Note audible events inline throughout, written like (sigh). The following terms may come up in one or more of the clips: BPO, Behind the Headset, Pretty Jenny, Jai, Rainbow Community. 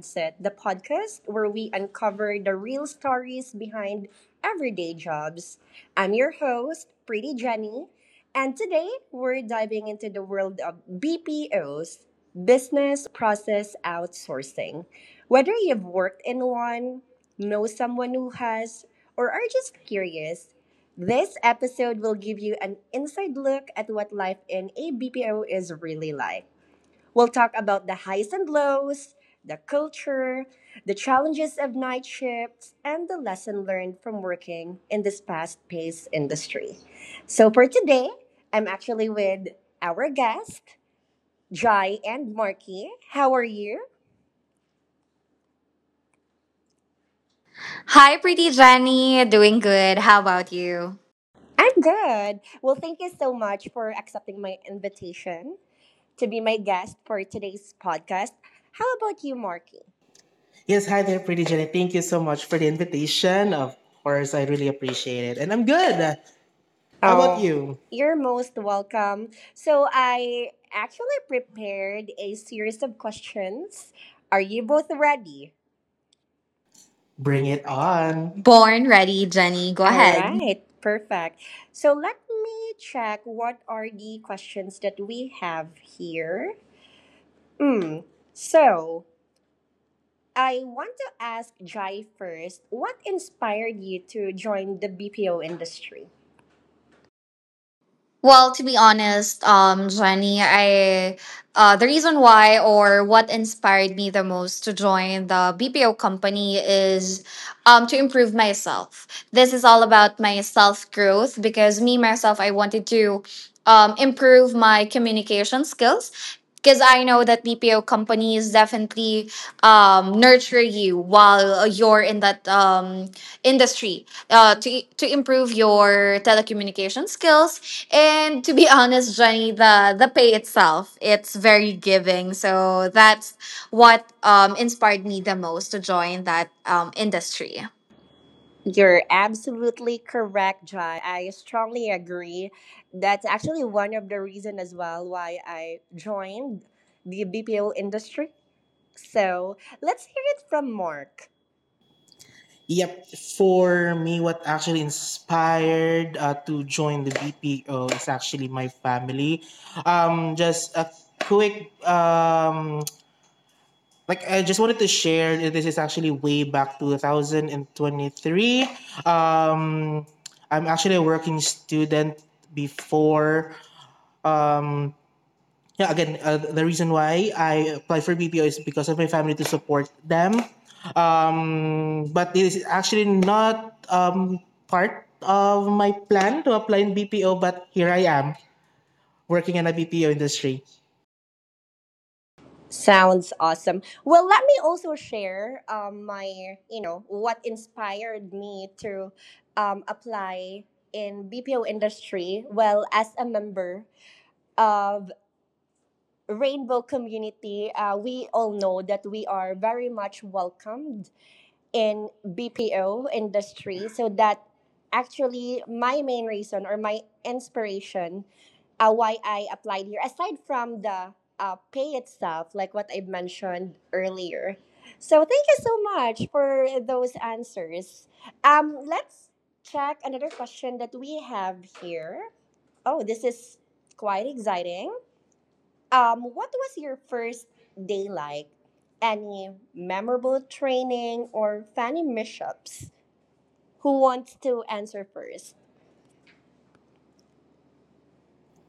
Headset, the podcast where we uncover the real stories behind everyday jobs. I'm your host, Pretty Jenny, and today we're diving into the world of BPOs, business process outsourcing. Whether you've worked in one, know someone who has, or are just curious, this episode will give you an inside look at what life in a BPO is really like. We'll talk about the highs and lows, the culture, the challenges of night shifts, and the lesson learned from working in this fast paced industry. So for today, I'm actually with our guest, Jai and Marky. How are you? Hi, pretty Jenny. Doing good. How about you? I'm good. Well, thank you so much for accepting my invitation to be my guest for today's podcast. How about you, Marky? Yes, hi there, Pretty Jenny. Thank you so much for the invitation. Of course, I really appreciate it. And I'm good. How about Oh, you? you're most welcome. So I actually prepared a series of questions. Are you both ready? Bring it on. Born Born ready, ready. Jenny. Go All ahead. right, perfect. So let me check what are the questions that we have here. Mm. So I want to ask Jai first. What inspired you to join the BPO industry? Well, to be honest, Jenny, I the reason why or what inspired me the most to join the BPO company is to improve myself. This is all about my self growth because me myself, I wanted to improve my communication skills because I know that BPO companies definitely nurture you while you're in that industry to improve your telecommunication skills and to be (laughs) honest, Jenny, the pay itself, it's very giving. So that's what inspired me the most to join that industry. You're absolutely correct, Jai. I strongly agree. That's actually one of the reason as well why I joined the BPO industry. So let's hear it from Mark. Yep, for me, what actually inspired to join the BPO is actually my family. Just a quick, like, I just wanted to share that this is actually way back 2023. Um, I'm actually a working student before. Um, yeah, again, The reason why I applied for BPO is because of my family to support them. But it is actually not part of my plan to apply in BPO, but here I am working in a BPO industry. Sounds awesome. Well, let me also share my, what inspired me to apply in BPO industry. Well, as a member of Rainbow Community, we all know that we are very much welcomed in BPO industry so that actually my main reason or my inspiration why I applied here aside from the pay itself like what I mentioned earlier. So thank you so much for those answers. Let's check another question that we have here. Oh, this is quite exciting. What was your first day like? Any memorable training or funny mishaps? Who wants to answer first?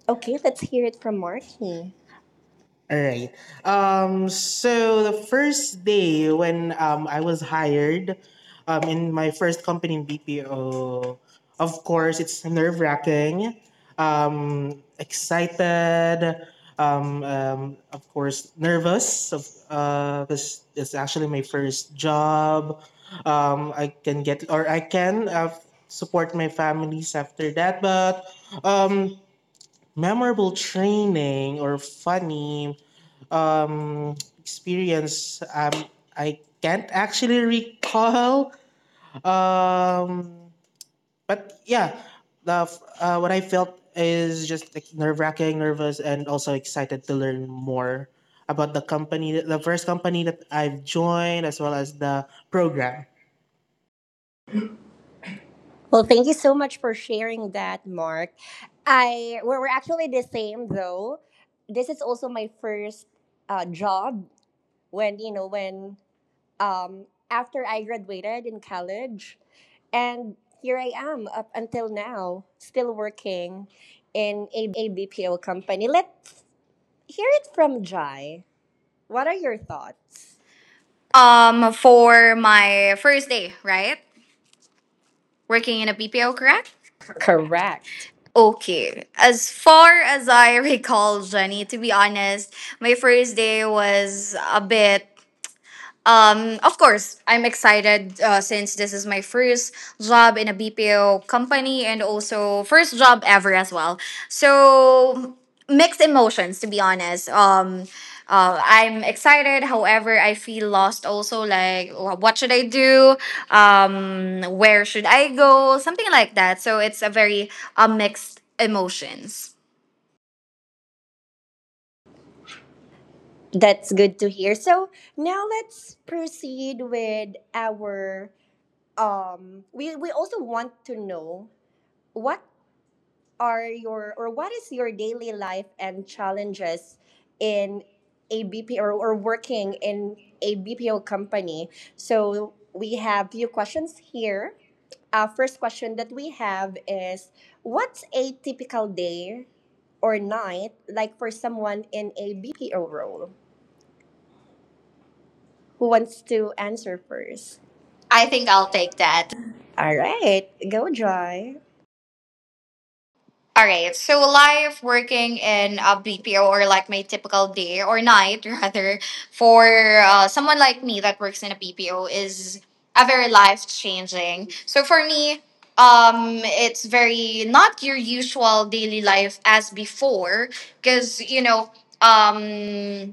Okay, let's hear it from Marky. All right. So the first day when I was hired in my first company in BPO, of course, it's nerve wracking, excited, of course, nervous because it's actually my first job. I can get, or I can support my families after that, but um, memorable training or funny experience, I can't actually recall. Um, but yeah, what I felt is just like nerve wracking, nervous, and also excited to learn more about the company, the first company that I've joined, as well as the program. Well, thank you so much for sharing that, Mark. I We're actually the same though. This is also my first job when um, after I graduated in college. And here I am up until now, still working in a BPO company. Let's hear it from Jai. What are your thoughts? For my first day, right? Working in a BPO, correct? Correct. Okay. As far as I (laughs) recall, Jenny, to be honest, my first day was a bit. Of course, I'm excited since this is my first job in a BPO company and also first job ever as well. So mixed emotions, to be honest. I'm excited. However, I feel lost also. Like, what should I do? Where should I go? Something like that. So it's a very mixed emotions. That's good to hear. So now let's proceed with our we also want to know what are your or what is your daily life and challenges in a BPO or, working in a BPO company? So we have few questions here. Our first question that we have is what's a typical day or night like for someone in a BPO role? Who wants to answer first? I I think think I'll I'll take take that. that. All right, go Joy. All right. So life working in a BPO or like my typical day or night (laughs) rather for someone like me that works in a BPO is a very life changing. So for me, it's very not your usual daily life as before because you know um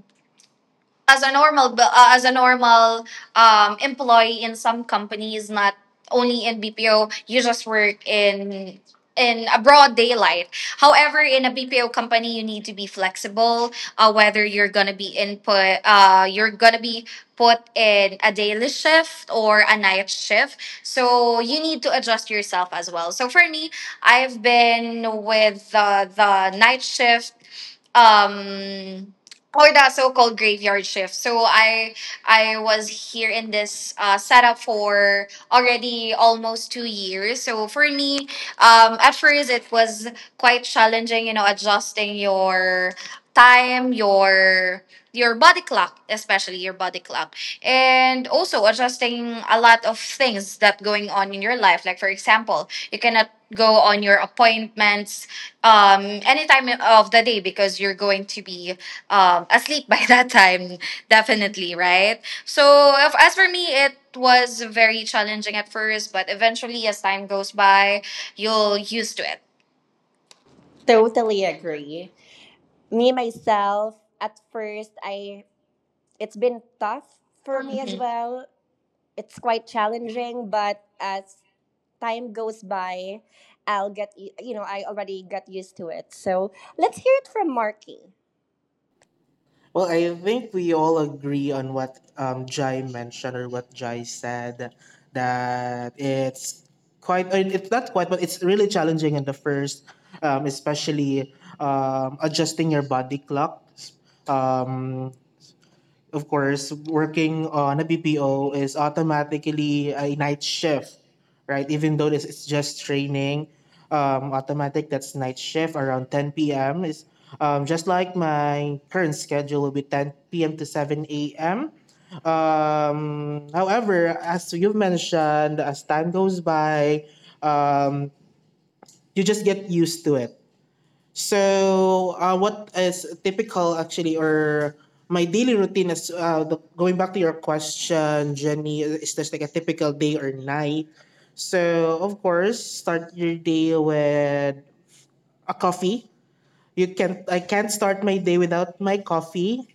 as a normal as a normal employee in some companies not only in BPO, you just work in a broad daylight. However, in a BPO company, you need to be flexible, whether you're gonna be input you're gonna be put in a daily shift or a night shift, so you need to adjust yourself as well. So for me, I've been with the night shift, um, or the so-called graveyard shift. So I was here in this setup for already almost 2 years. So for me, at first it was quite challenging, you know, adjusting your time, your body clock, especially your body clock, and also adjusting a lot of things that going on in your life. Like for example, you cannot go on your appointments any time of the day because you're going to be asleep by (laughs) that time, definitely, right? So, if, as for me, it was very challenging at first, but eventually, as time goes by, you'll used to it. Totally agree. Me myself at first I it's been tough for me as well. It's quite challenging but as time goes by, you know, I already got used to it. So let's hear it from Marky. Well, I think we all agree on what Jai mentioned or what Jai said that it's quite, I it's not quite, but it's really challenging in the first, especially adjusting your body clock. Um, of course, working on a BPO is automatically a night shift, right? Even though this is just training, automatic that's night shift around 10 p.m. is just like my current schedule will be 10 p.m. to 7 a.m. However, as you've mentioned, as time goes by, um, you just get used to it. So, what is typical actually, or my daily routine is going back to your question, Jenny, is there's like a typical day or night? So, of course, start your day with a coffee. You can I can't start my day without my coffee.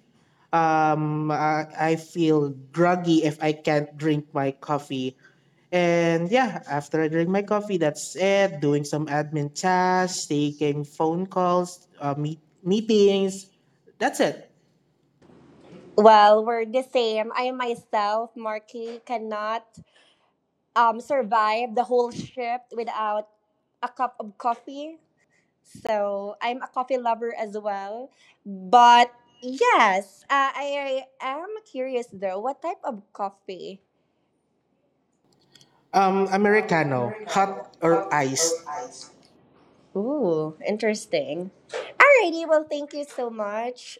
I feel groggy if I can't drink my coffee. And yeah, after I drink my coffee, that's it. Doing some admin tasks, taking phone calls, meetings. That's it. Well, we're the same. I myself, Marky, cannot survive the whole shift without a cup of coffee. So I'm a coffee lover as well. But yes, I am curious though, what type of coffee? Americano, Americano, hot or cup or iced. ice? Ooh, interesting. Alrighty, well, thank you so much,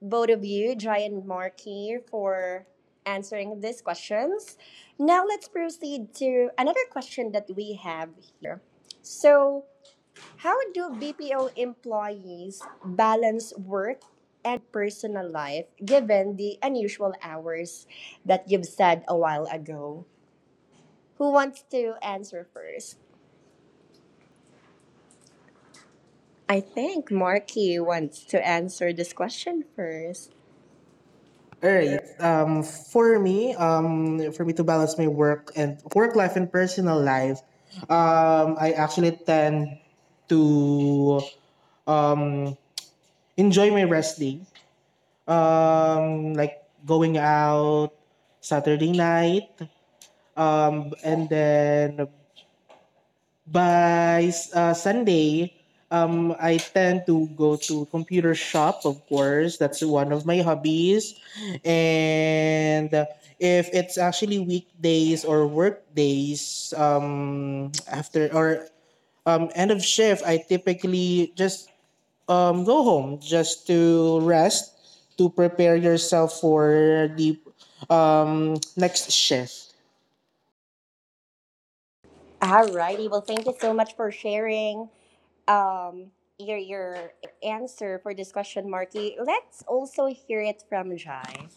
both of you, Jai and Marky, for answering these questions. Now let's proceed to another question that we have here. So, how do BPO employees balance work and personal life given the unusual hours that you've said a while ago? Who wants to answer first? I think Marky wants to answer this question first. All right. For me to balance my work and work life and personal life, I actually tend to um enjoy my rest day. Like going out Saturday night, and then by Sunday, I tend to go to computer shop. Of course, that's one of my hobbies, and if it's actually weekdays or work days, after or end of shift, I typically just go home just to rest to prepare yourself for the next shift. All righty. Well, thank you so much for sharing um, your answer for this question, Marky. Let's also hear it from Jai.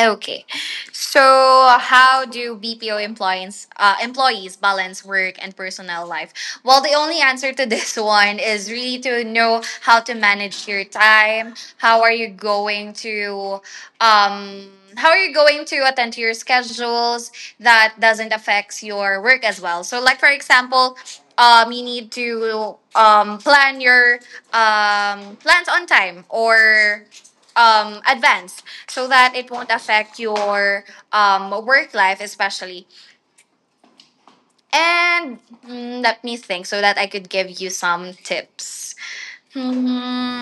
Okay, so how do BPO employees balance work and personal life? Well, the only answer to this (laughs) one is really to know how to manage your time. How are you going to um, attend to your schedules that doesn't affect your work as well? So, like for example, you need to plan your plans on time or advance so that it won't affect your work life, especially. And let me think so that I could give you some tips. Hmm,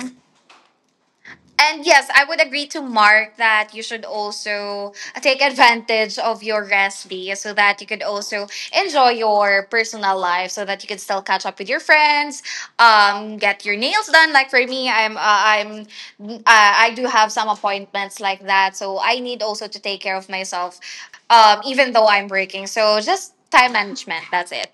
And yes, I would agree to Mark that you should also take advantage of your rest day so that you could also enjoy your personal life so that you could still catch up with your friends, get your nails done. Like for me, I do have some appointments like that. So I need also to take care of myself, even though I'm working. So just time management. That's it.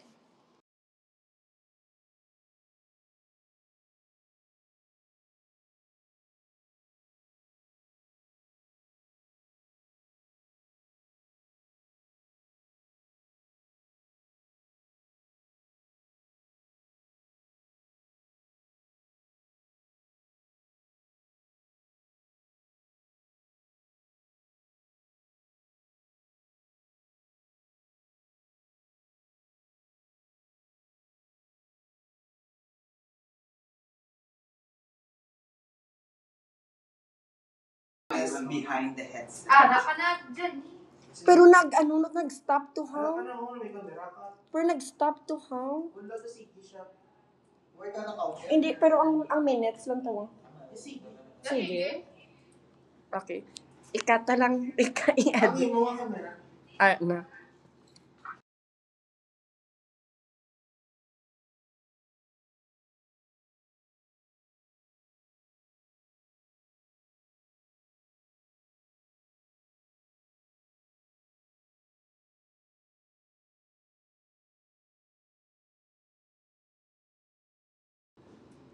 Behind the headset. Ah, napanag dyan. Pero nag, ano, nag- nag-stop to Wala hang? Pero nag-stop to hang? Hindi, pero ang, ang minutes lang to. Sige. Okay. Okay. Ikata lang, (laughs) ika i-add. Ah, na.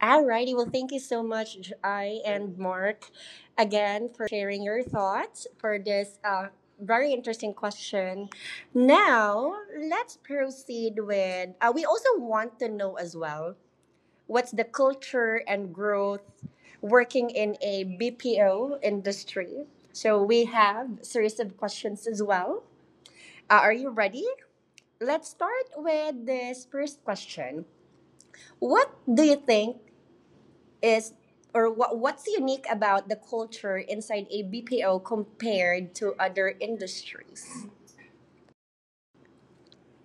Alrighty, well, thank you so much, I and Mark, again for sharing your thoughts for this very interesting question. Now, let's proceed with. We also want to know as well what's the culture and growth working in a BPO industry. So we have series of questions as well. Are you ready? Let's start with this first question. What do you think is or what's unique about the culture inside a BPO compared to other industries?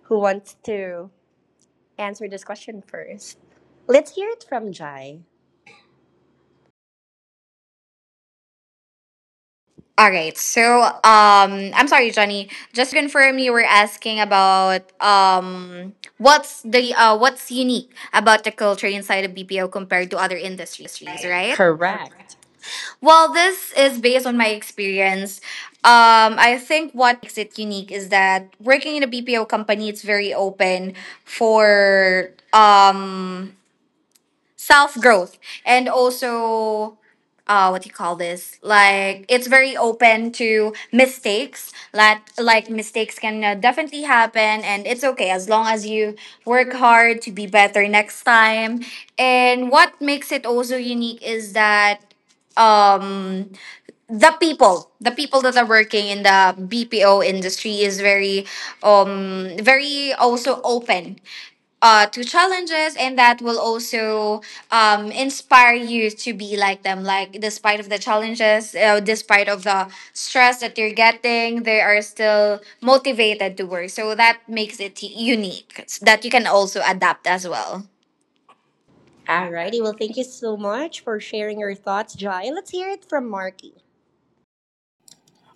Who wants to answer this question first? Let's hear it from Jai. All right. So, I'm sorry, Johnny. Just to confirm, you were asking about what's the what's unique about the culture inside of BPO compared to other industries, right? Correct. Well, this is based on my experience. I think what makes it unique is that working in a BPO company, it's very open for self growth, and also, uh, what do you call this, like it's very open to mistakes. Like mistakes can definitely happen and it's okay as long as you work hard to be better next time. And what makes it also unique is that um the people that are working in the BPO industry is very very also open to challenges, and that will also inspire you to be like them, like despite of the challenges, despite of the stress that you're getting, they are still motivated to work. So that makes it unique that you can also adapt as well. Alrighty. Well, thank you so much for sharing your thoughts, Jai. Let's hear it from Marky.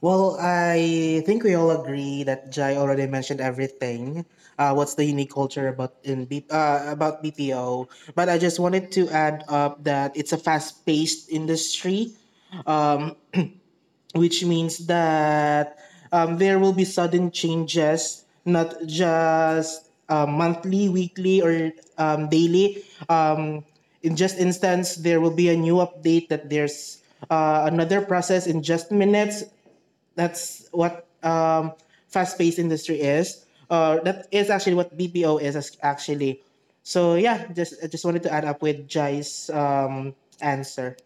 Well, I think we all agree that Jai already mentioned everything. What's the unique culture about about BPO? But I just wanted to add up that it's a fast-paced industry, um, which means that there will be sudden changes, not just monthly, weekly, or daily. In just instance, there will be a new update that there's another process in just minutes. That's what fast-paced industry is. That is actually what BPO actually. So yeah, just wanted to add up with Jai's answer.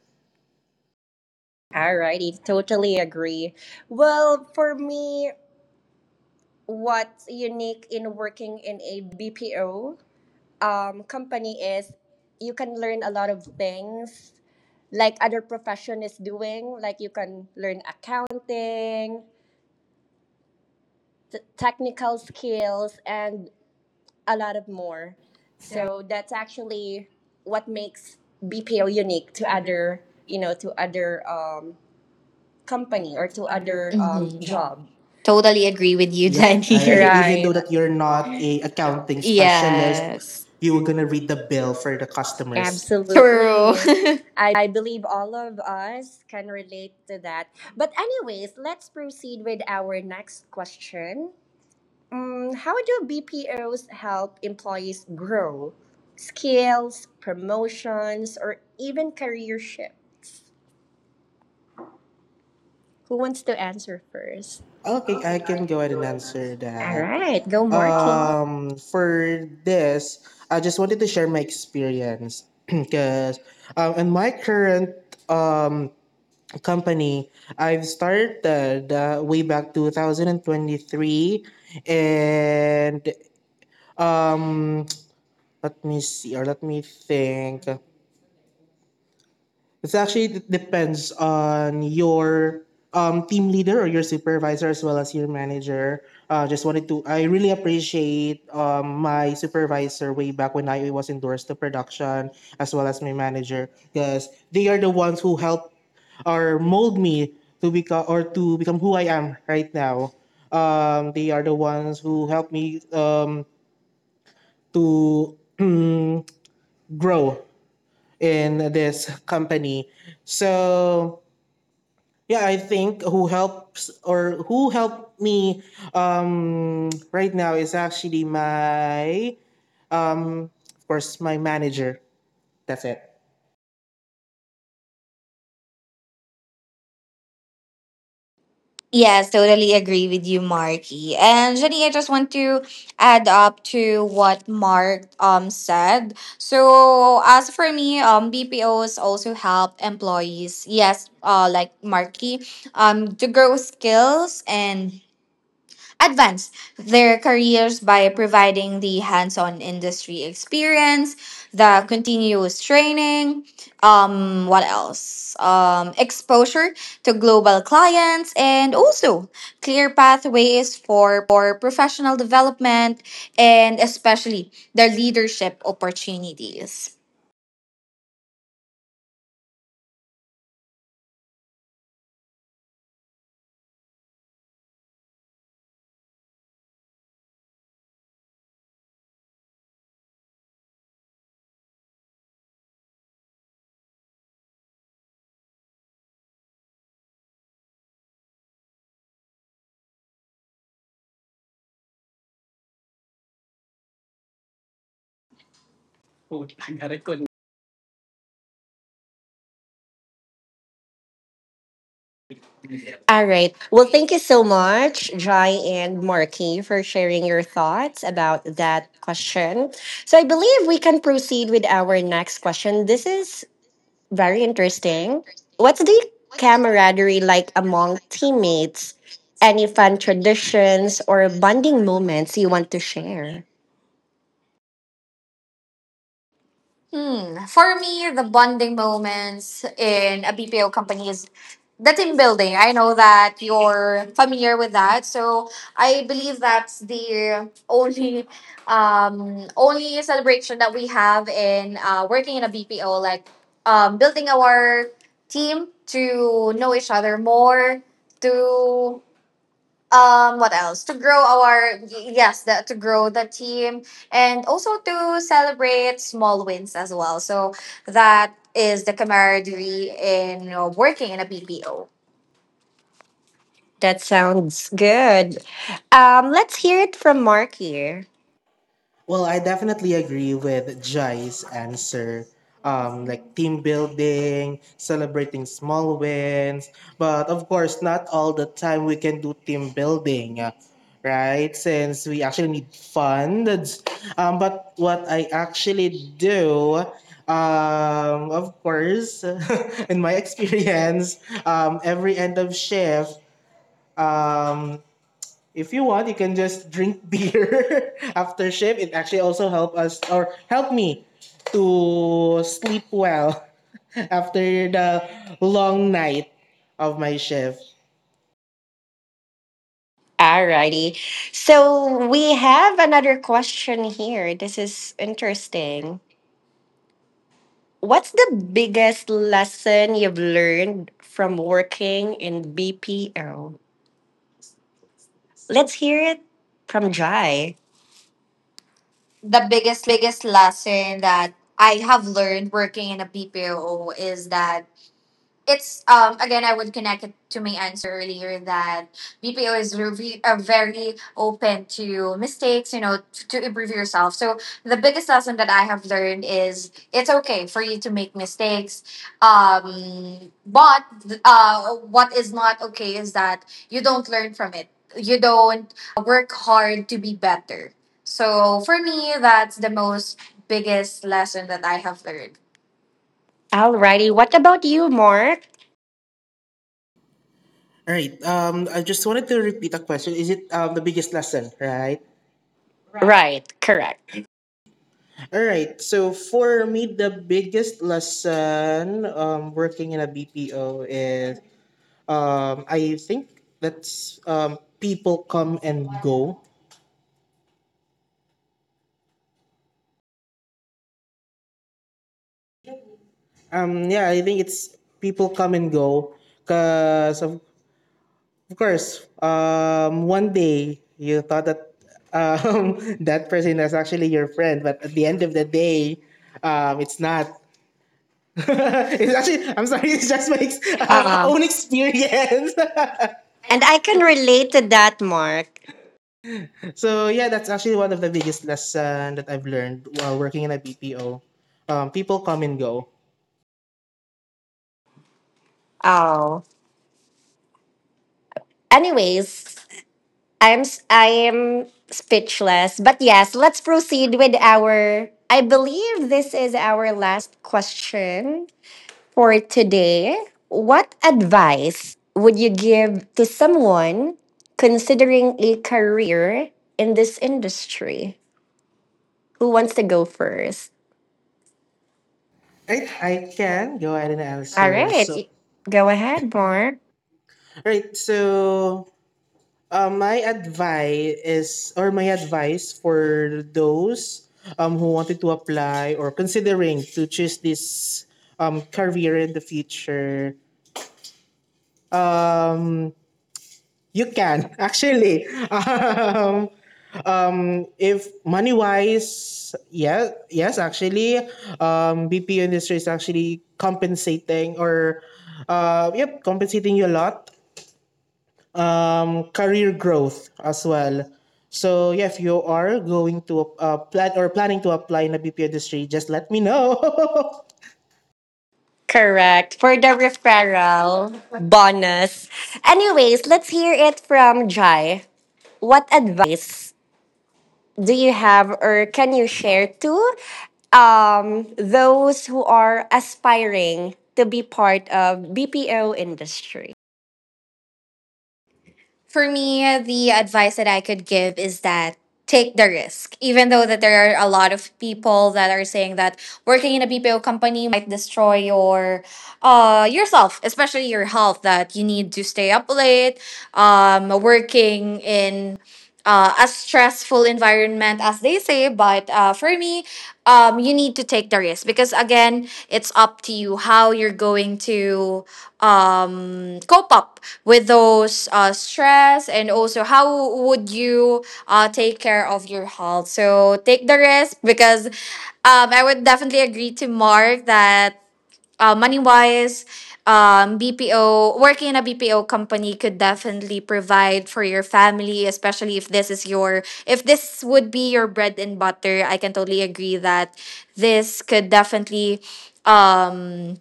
Alrighty. Totally agree. Well, for me, what's unique in working in a BPO company is you can learn a lot of things like other profession is doing like you can learn accounting technical skills and a lot of more, so that's actually what makes BPO unique to other, to other company or to other job. Totally Totally agree agree with with you, Yep, I you. Jenny. agree. Even Right. though that you're We're not not a a accounting accounting, yeah, specialist, (laughs) specialist. Yes, you were You were gonna gonna read read the the bill bill for the for the customer. customers. true. Absolutely. (laughs) I believe all of us can relate to that. But anyways, let's proceed with our next question. Mm, how do BPOs help employees grow? Skills, promotions, or even career shifts? Who wants to answer first? Okay, I Okay, I can go can ahead and go and answer answer. All that. right, go, Martin. For this, I just wanted to share my experience (clears throat) because in my current um company I've started way back 2023, and um let me see or let me think, it's actually depends on your team leader or your supervisor as well as your manager. I really appreciate my supervisor way back when I was endorsed to production as well as my manager because they are the ones who helped or mold me to become or to become who I am right now. They are the ones who helped me to (clears throat) grow in this company. So yeah, I think who helps or who helped me right now is actually my um of course my manager. That's it. Yes, totally agree with you, Marky. And Jenny, I just want to add up to what Mark said. So as for me, BPOs also help employees, yes, like Marky, to grow skills and advance their careers by providing the hands on industry experience, the continuous training, what else? Exposure to global clients, and also clear pathways for professional development and especially the leadership opportunities. All right. Well, thank you so much, Jai and Marky, for sharing your thoughts about that question. So I believe we can proceed with our next question. This is very interesting. What's the camaraderie like among teammates? Any fun traditions or bonding moments you want to share? Hmm. For me, the bonding moments in a BPO company is the team building. I know that you're familiar with that, so I believe that's the only, only celebration that we have in working in a BPO, like building our team to know each other more, to what else to grow our yes the, to grow the team and also to celebrate small wins as well. So that is the camaraderie in, you know, working in a BPO. That sounds good. Let's hear it from Mark here. Well, I definitely agree with Jai's answer. Like team building, celebrating small wins, but of course, not all the time we can do team building, right? Since we actually need funds. But what I actually do, of course, (laughs) in my experience, every end of shift, um, if you want, you can just drink beer (laughs) after shift. It actually also help us or help me to sleep well (laughs) after the long night of my shift. Alrighty. So we have another question here. This is interesting. What's the biggest lesson you've learned from working in BPO? Let's hear it from Jai. The biggest lesson that I have learned working in a BPO is that it's again I would connect it to my answer earlier that BPO is very open to mistakes, you know, to improve yourself. So the biggest lesson that I have learned is it's okay for you to make mistakes. But what is not okay is that you don't learn from it. You don't work hard to be better. So for me, that's the most biggest lesson that I have learned. Alrighty, what about you, Mark? All right. I just wanted to repeat a question. Is it the biggest lesson, right? Right, correct. All right. So for me, the biggest lesson working in a BPO is I think that's people come and go. Yeah, I think it's people come and go because of course, one day you thought that (laughs) that person is actually your friend, but at the end of the day, it's not. (laughs) It's actually, I'm sorry, (laughs) it's just my (laughs) Um, own experience. and I can relate to that, Mark. (laughs) So yeah, that's actually one of the biggest lesson that I've learned while working in a BPO. People come and go. Oh, anyways, I am speechless. But yes, let's proceed with our. I believe this is our last question for today. What advice would you give to someone considering a career in this industry? Who wants to go first? Right, I can go ahead and All answer. right, go ahead, Mark. right, so my advice is, or my advice for those who wanted to apply or considering to choose this career in the future, um, you can (laughs) actually. Um, if money wise, yeah, yes, actually, BPO industry is actually compensating or, yep, compensating you a lot, career growth as well. So yeah, if you are going to plan or planning to apply in the BPO industry, just let me know. (laughs) Correct. For the referral bonus. Anyways, let's hear it from Jai. What advice do you have or can you share to those who are aspiring to be part of BPO industry? For me, the advice that I could give is that take the risk. Even though that there are a lot of people that are saying that working in a BPO company might destroy your yourself, especially your health, that you need to stay up late, working in a stressful environment as they say, but for me, you need to take the risk because again it's up to you how you're going to cope up with those stress and also how would you take care of your health. So take the risk because I would definitely agree to Mark that money wise, BPO, working in a BPO company could definitely provide for your family, especially if this is your, if this would be your bread and butter. I can totally agree that this could definitely um,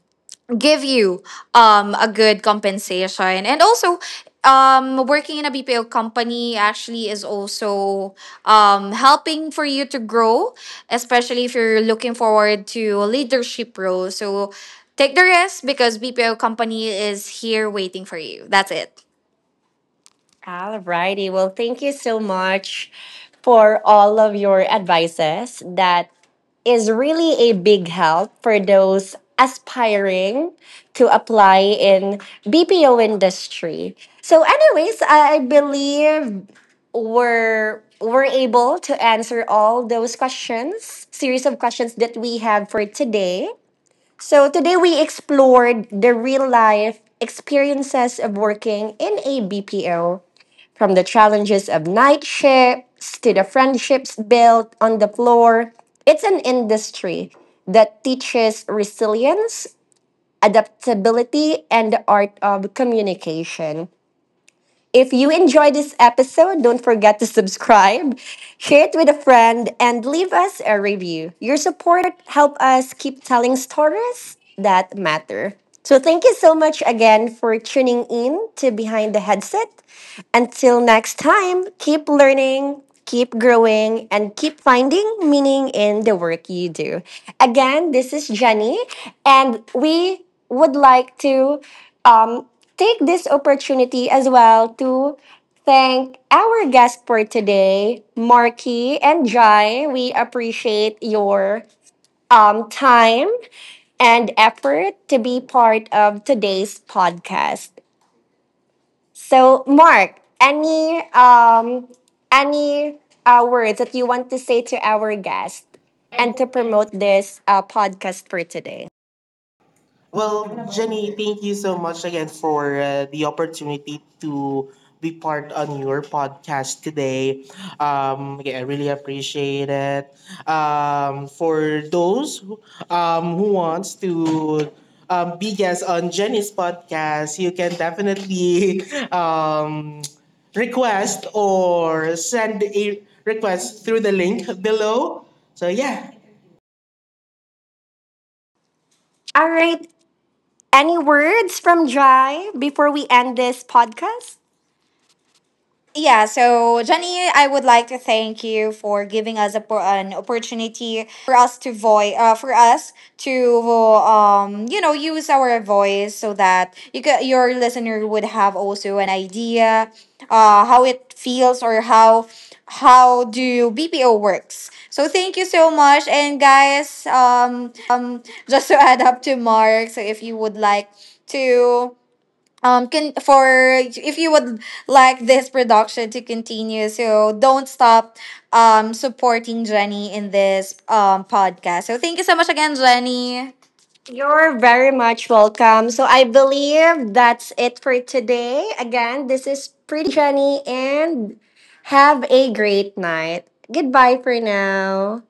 give you a good compensation. And also, working in a BPO company actually is also helping for you to grow, especially if you're looking forward to a leadership role. So take the risk because BPO company is here waiting for you. That's it. All righty. Well, thank you so much for all of your advices. That is really a big help for those aspiring to apply in BPO industry. So, anyways, I believe we're able to answer all those questions, series of questions that we have for today. So today we explored the real life experiences of working in a BPO. From the challenges of night shifts to the friendships built on the floor, it's an industry that teaches resilience, adaptability, and the art of communication. If you enjoyed this episode, don't forget to subscribe, share it with a friend, and leave us a review. Your support helps us keep telling stories that matter. So thank you so much again for tuning in to Behind the Headset. Until next time, keep learning, keep growing, and keep finding meaning in the work you do. Again, this is Jenny, and we would like to um, take this opportunity as well to thank our guest for today, Marky and Jai. We appreciate your time and effort to be part of today's podcast. So, Mark, any any words that you want to say to our guest and to promote this podcast for today? Well, Jenny, thank you so much again for the opportunity to be part on your podcast today. Yeah, I really appreciate it. For those who who wants to be guests on Jenny's podcast, you can definitely (laughs) um, request or send a request through the link below. So yeah, All right. Any words from Jai before we end this podcast? Yeah, so Jenny, I would like to thank you for giving us a, an opportunity for us to voice, for us to, you know, use our voice so that your listener would have also an idea, how it feels or how do BPO works. So thank you so much, and guys, (laughs) just to add up to Mark, so if you would like to can for if you would like this production to continue, so don't stop supporting Jenny in this podcast. So thank you so much again, Jenny. You're very much welcome. So I believe that's it for today. Again, this is Pretty Jenny and have a great night. Goodbye for now.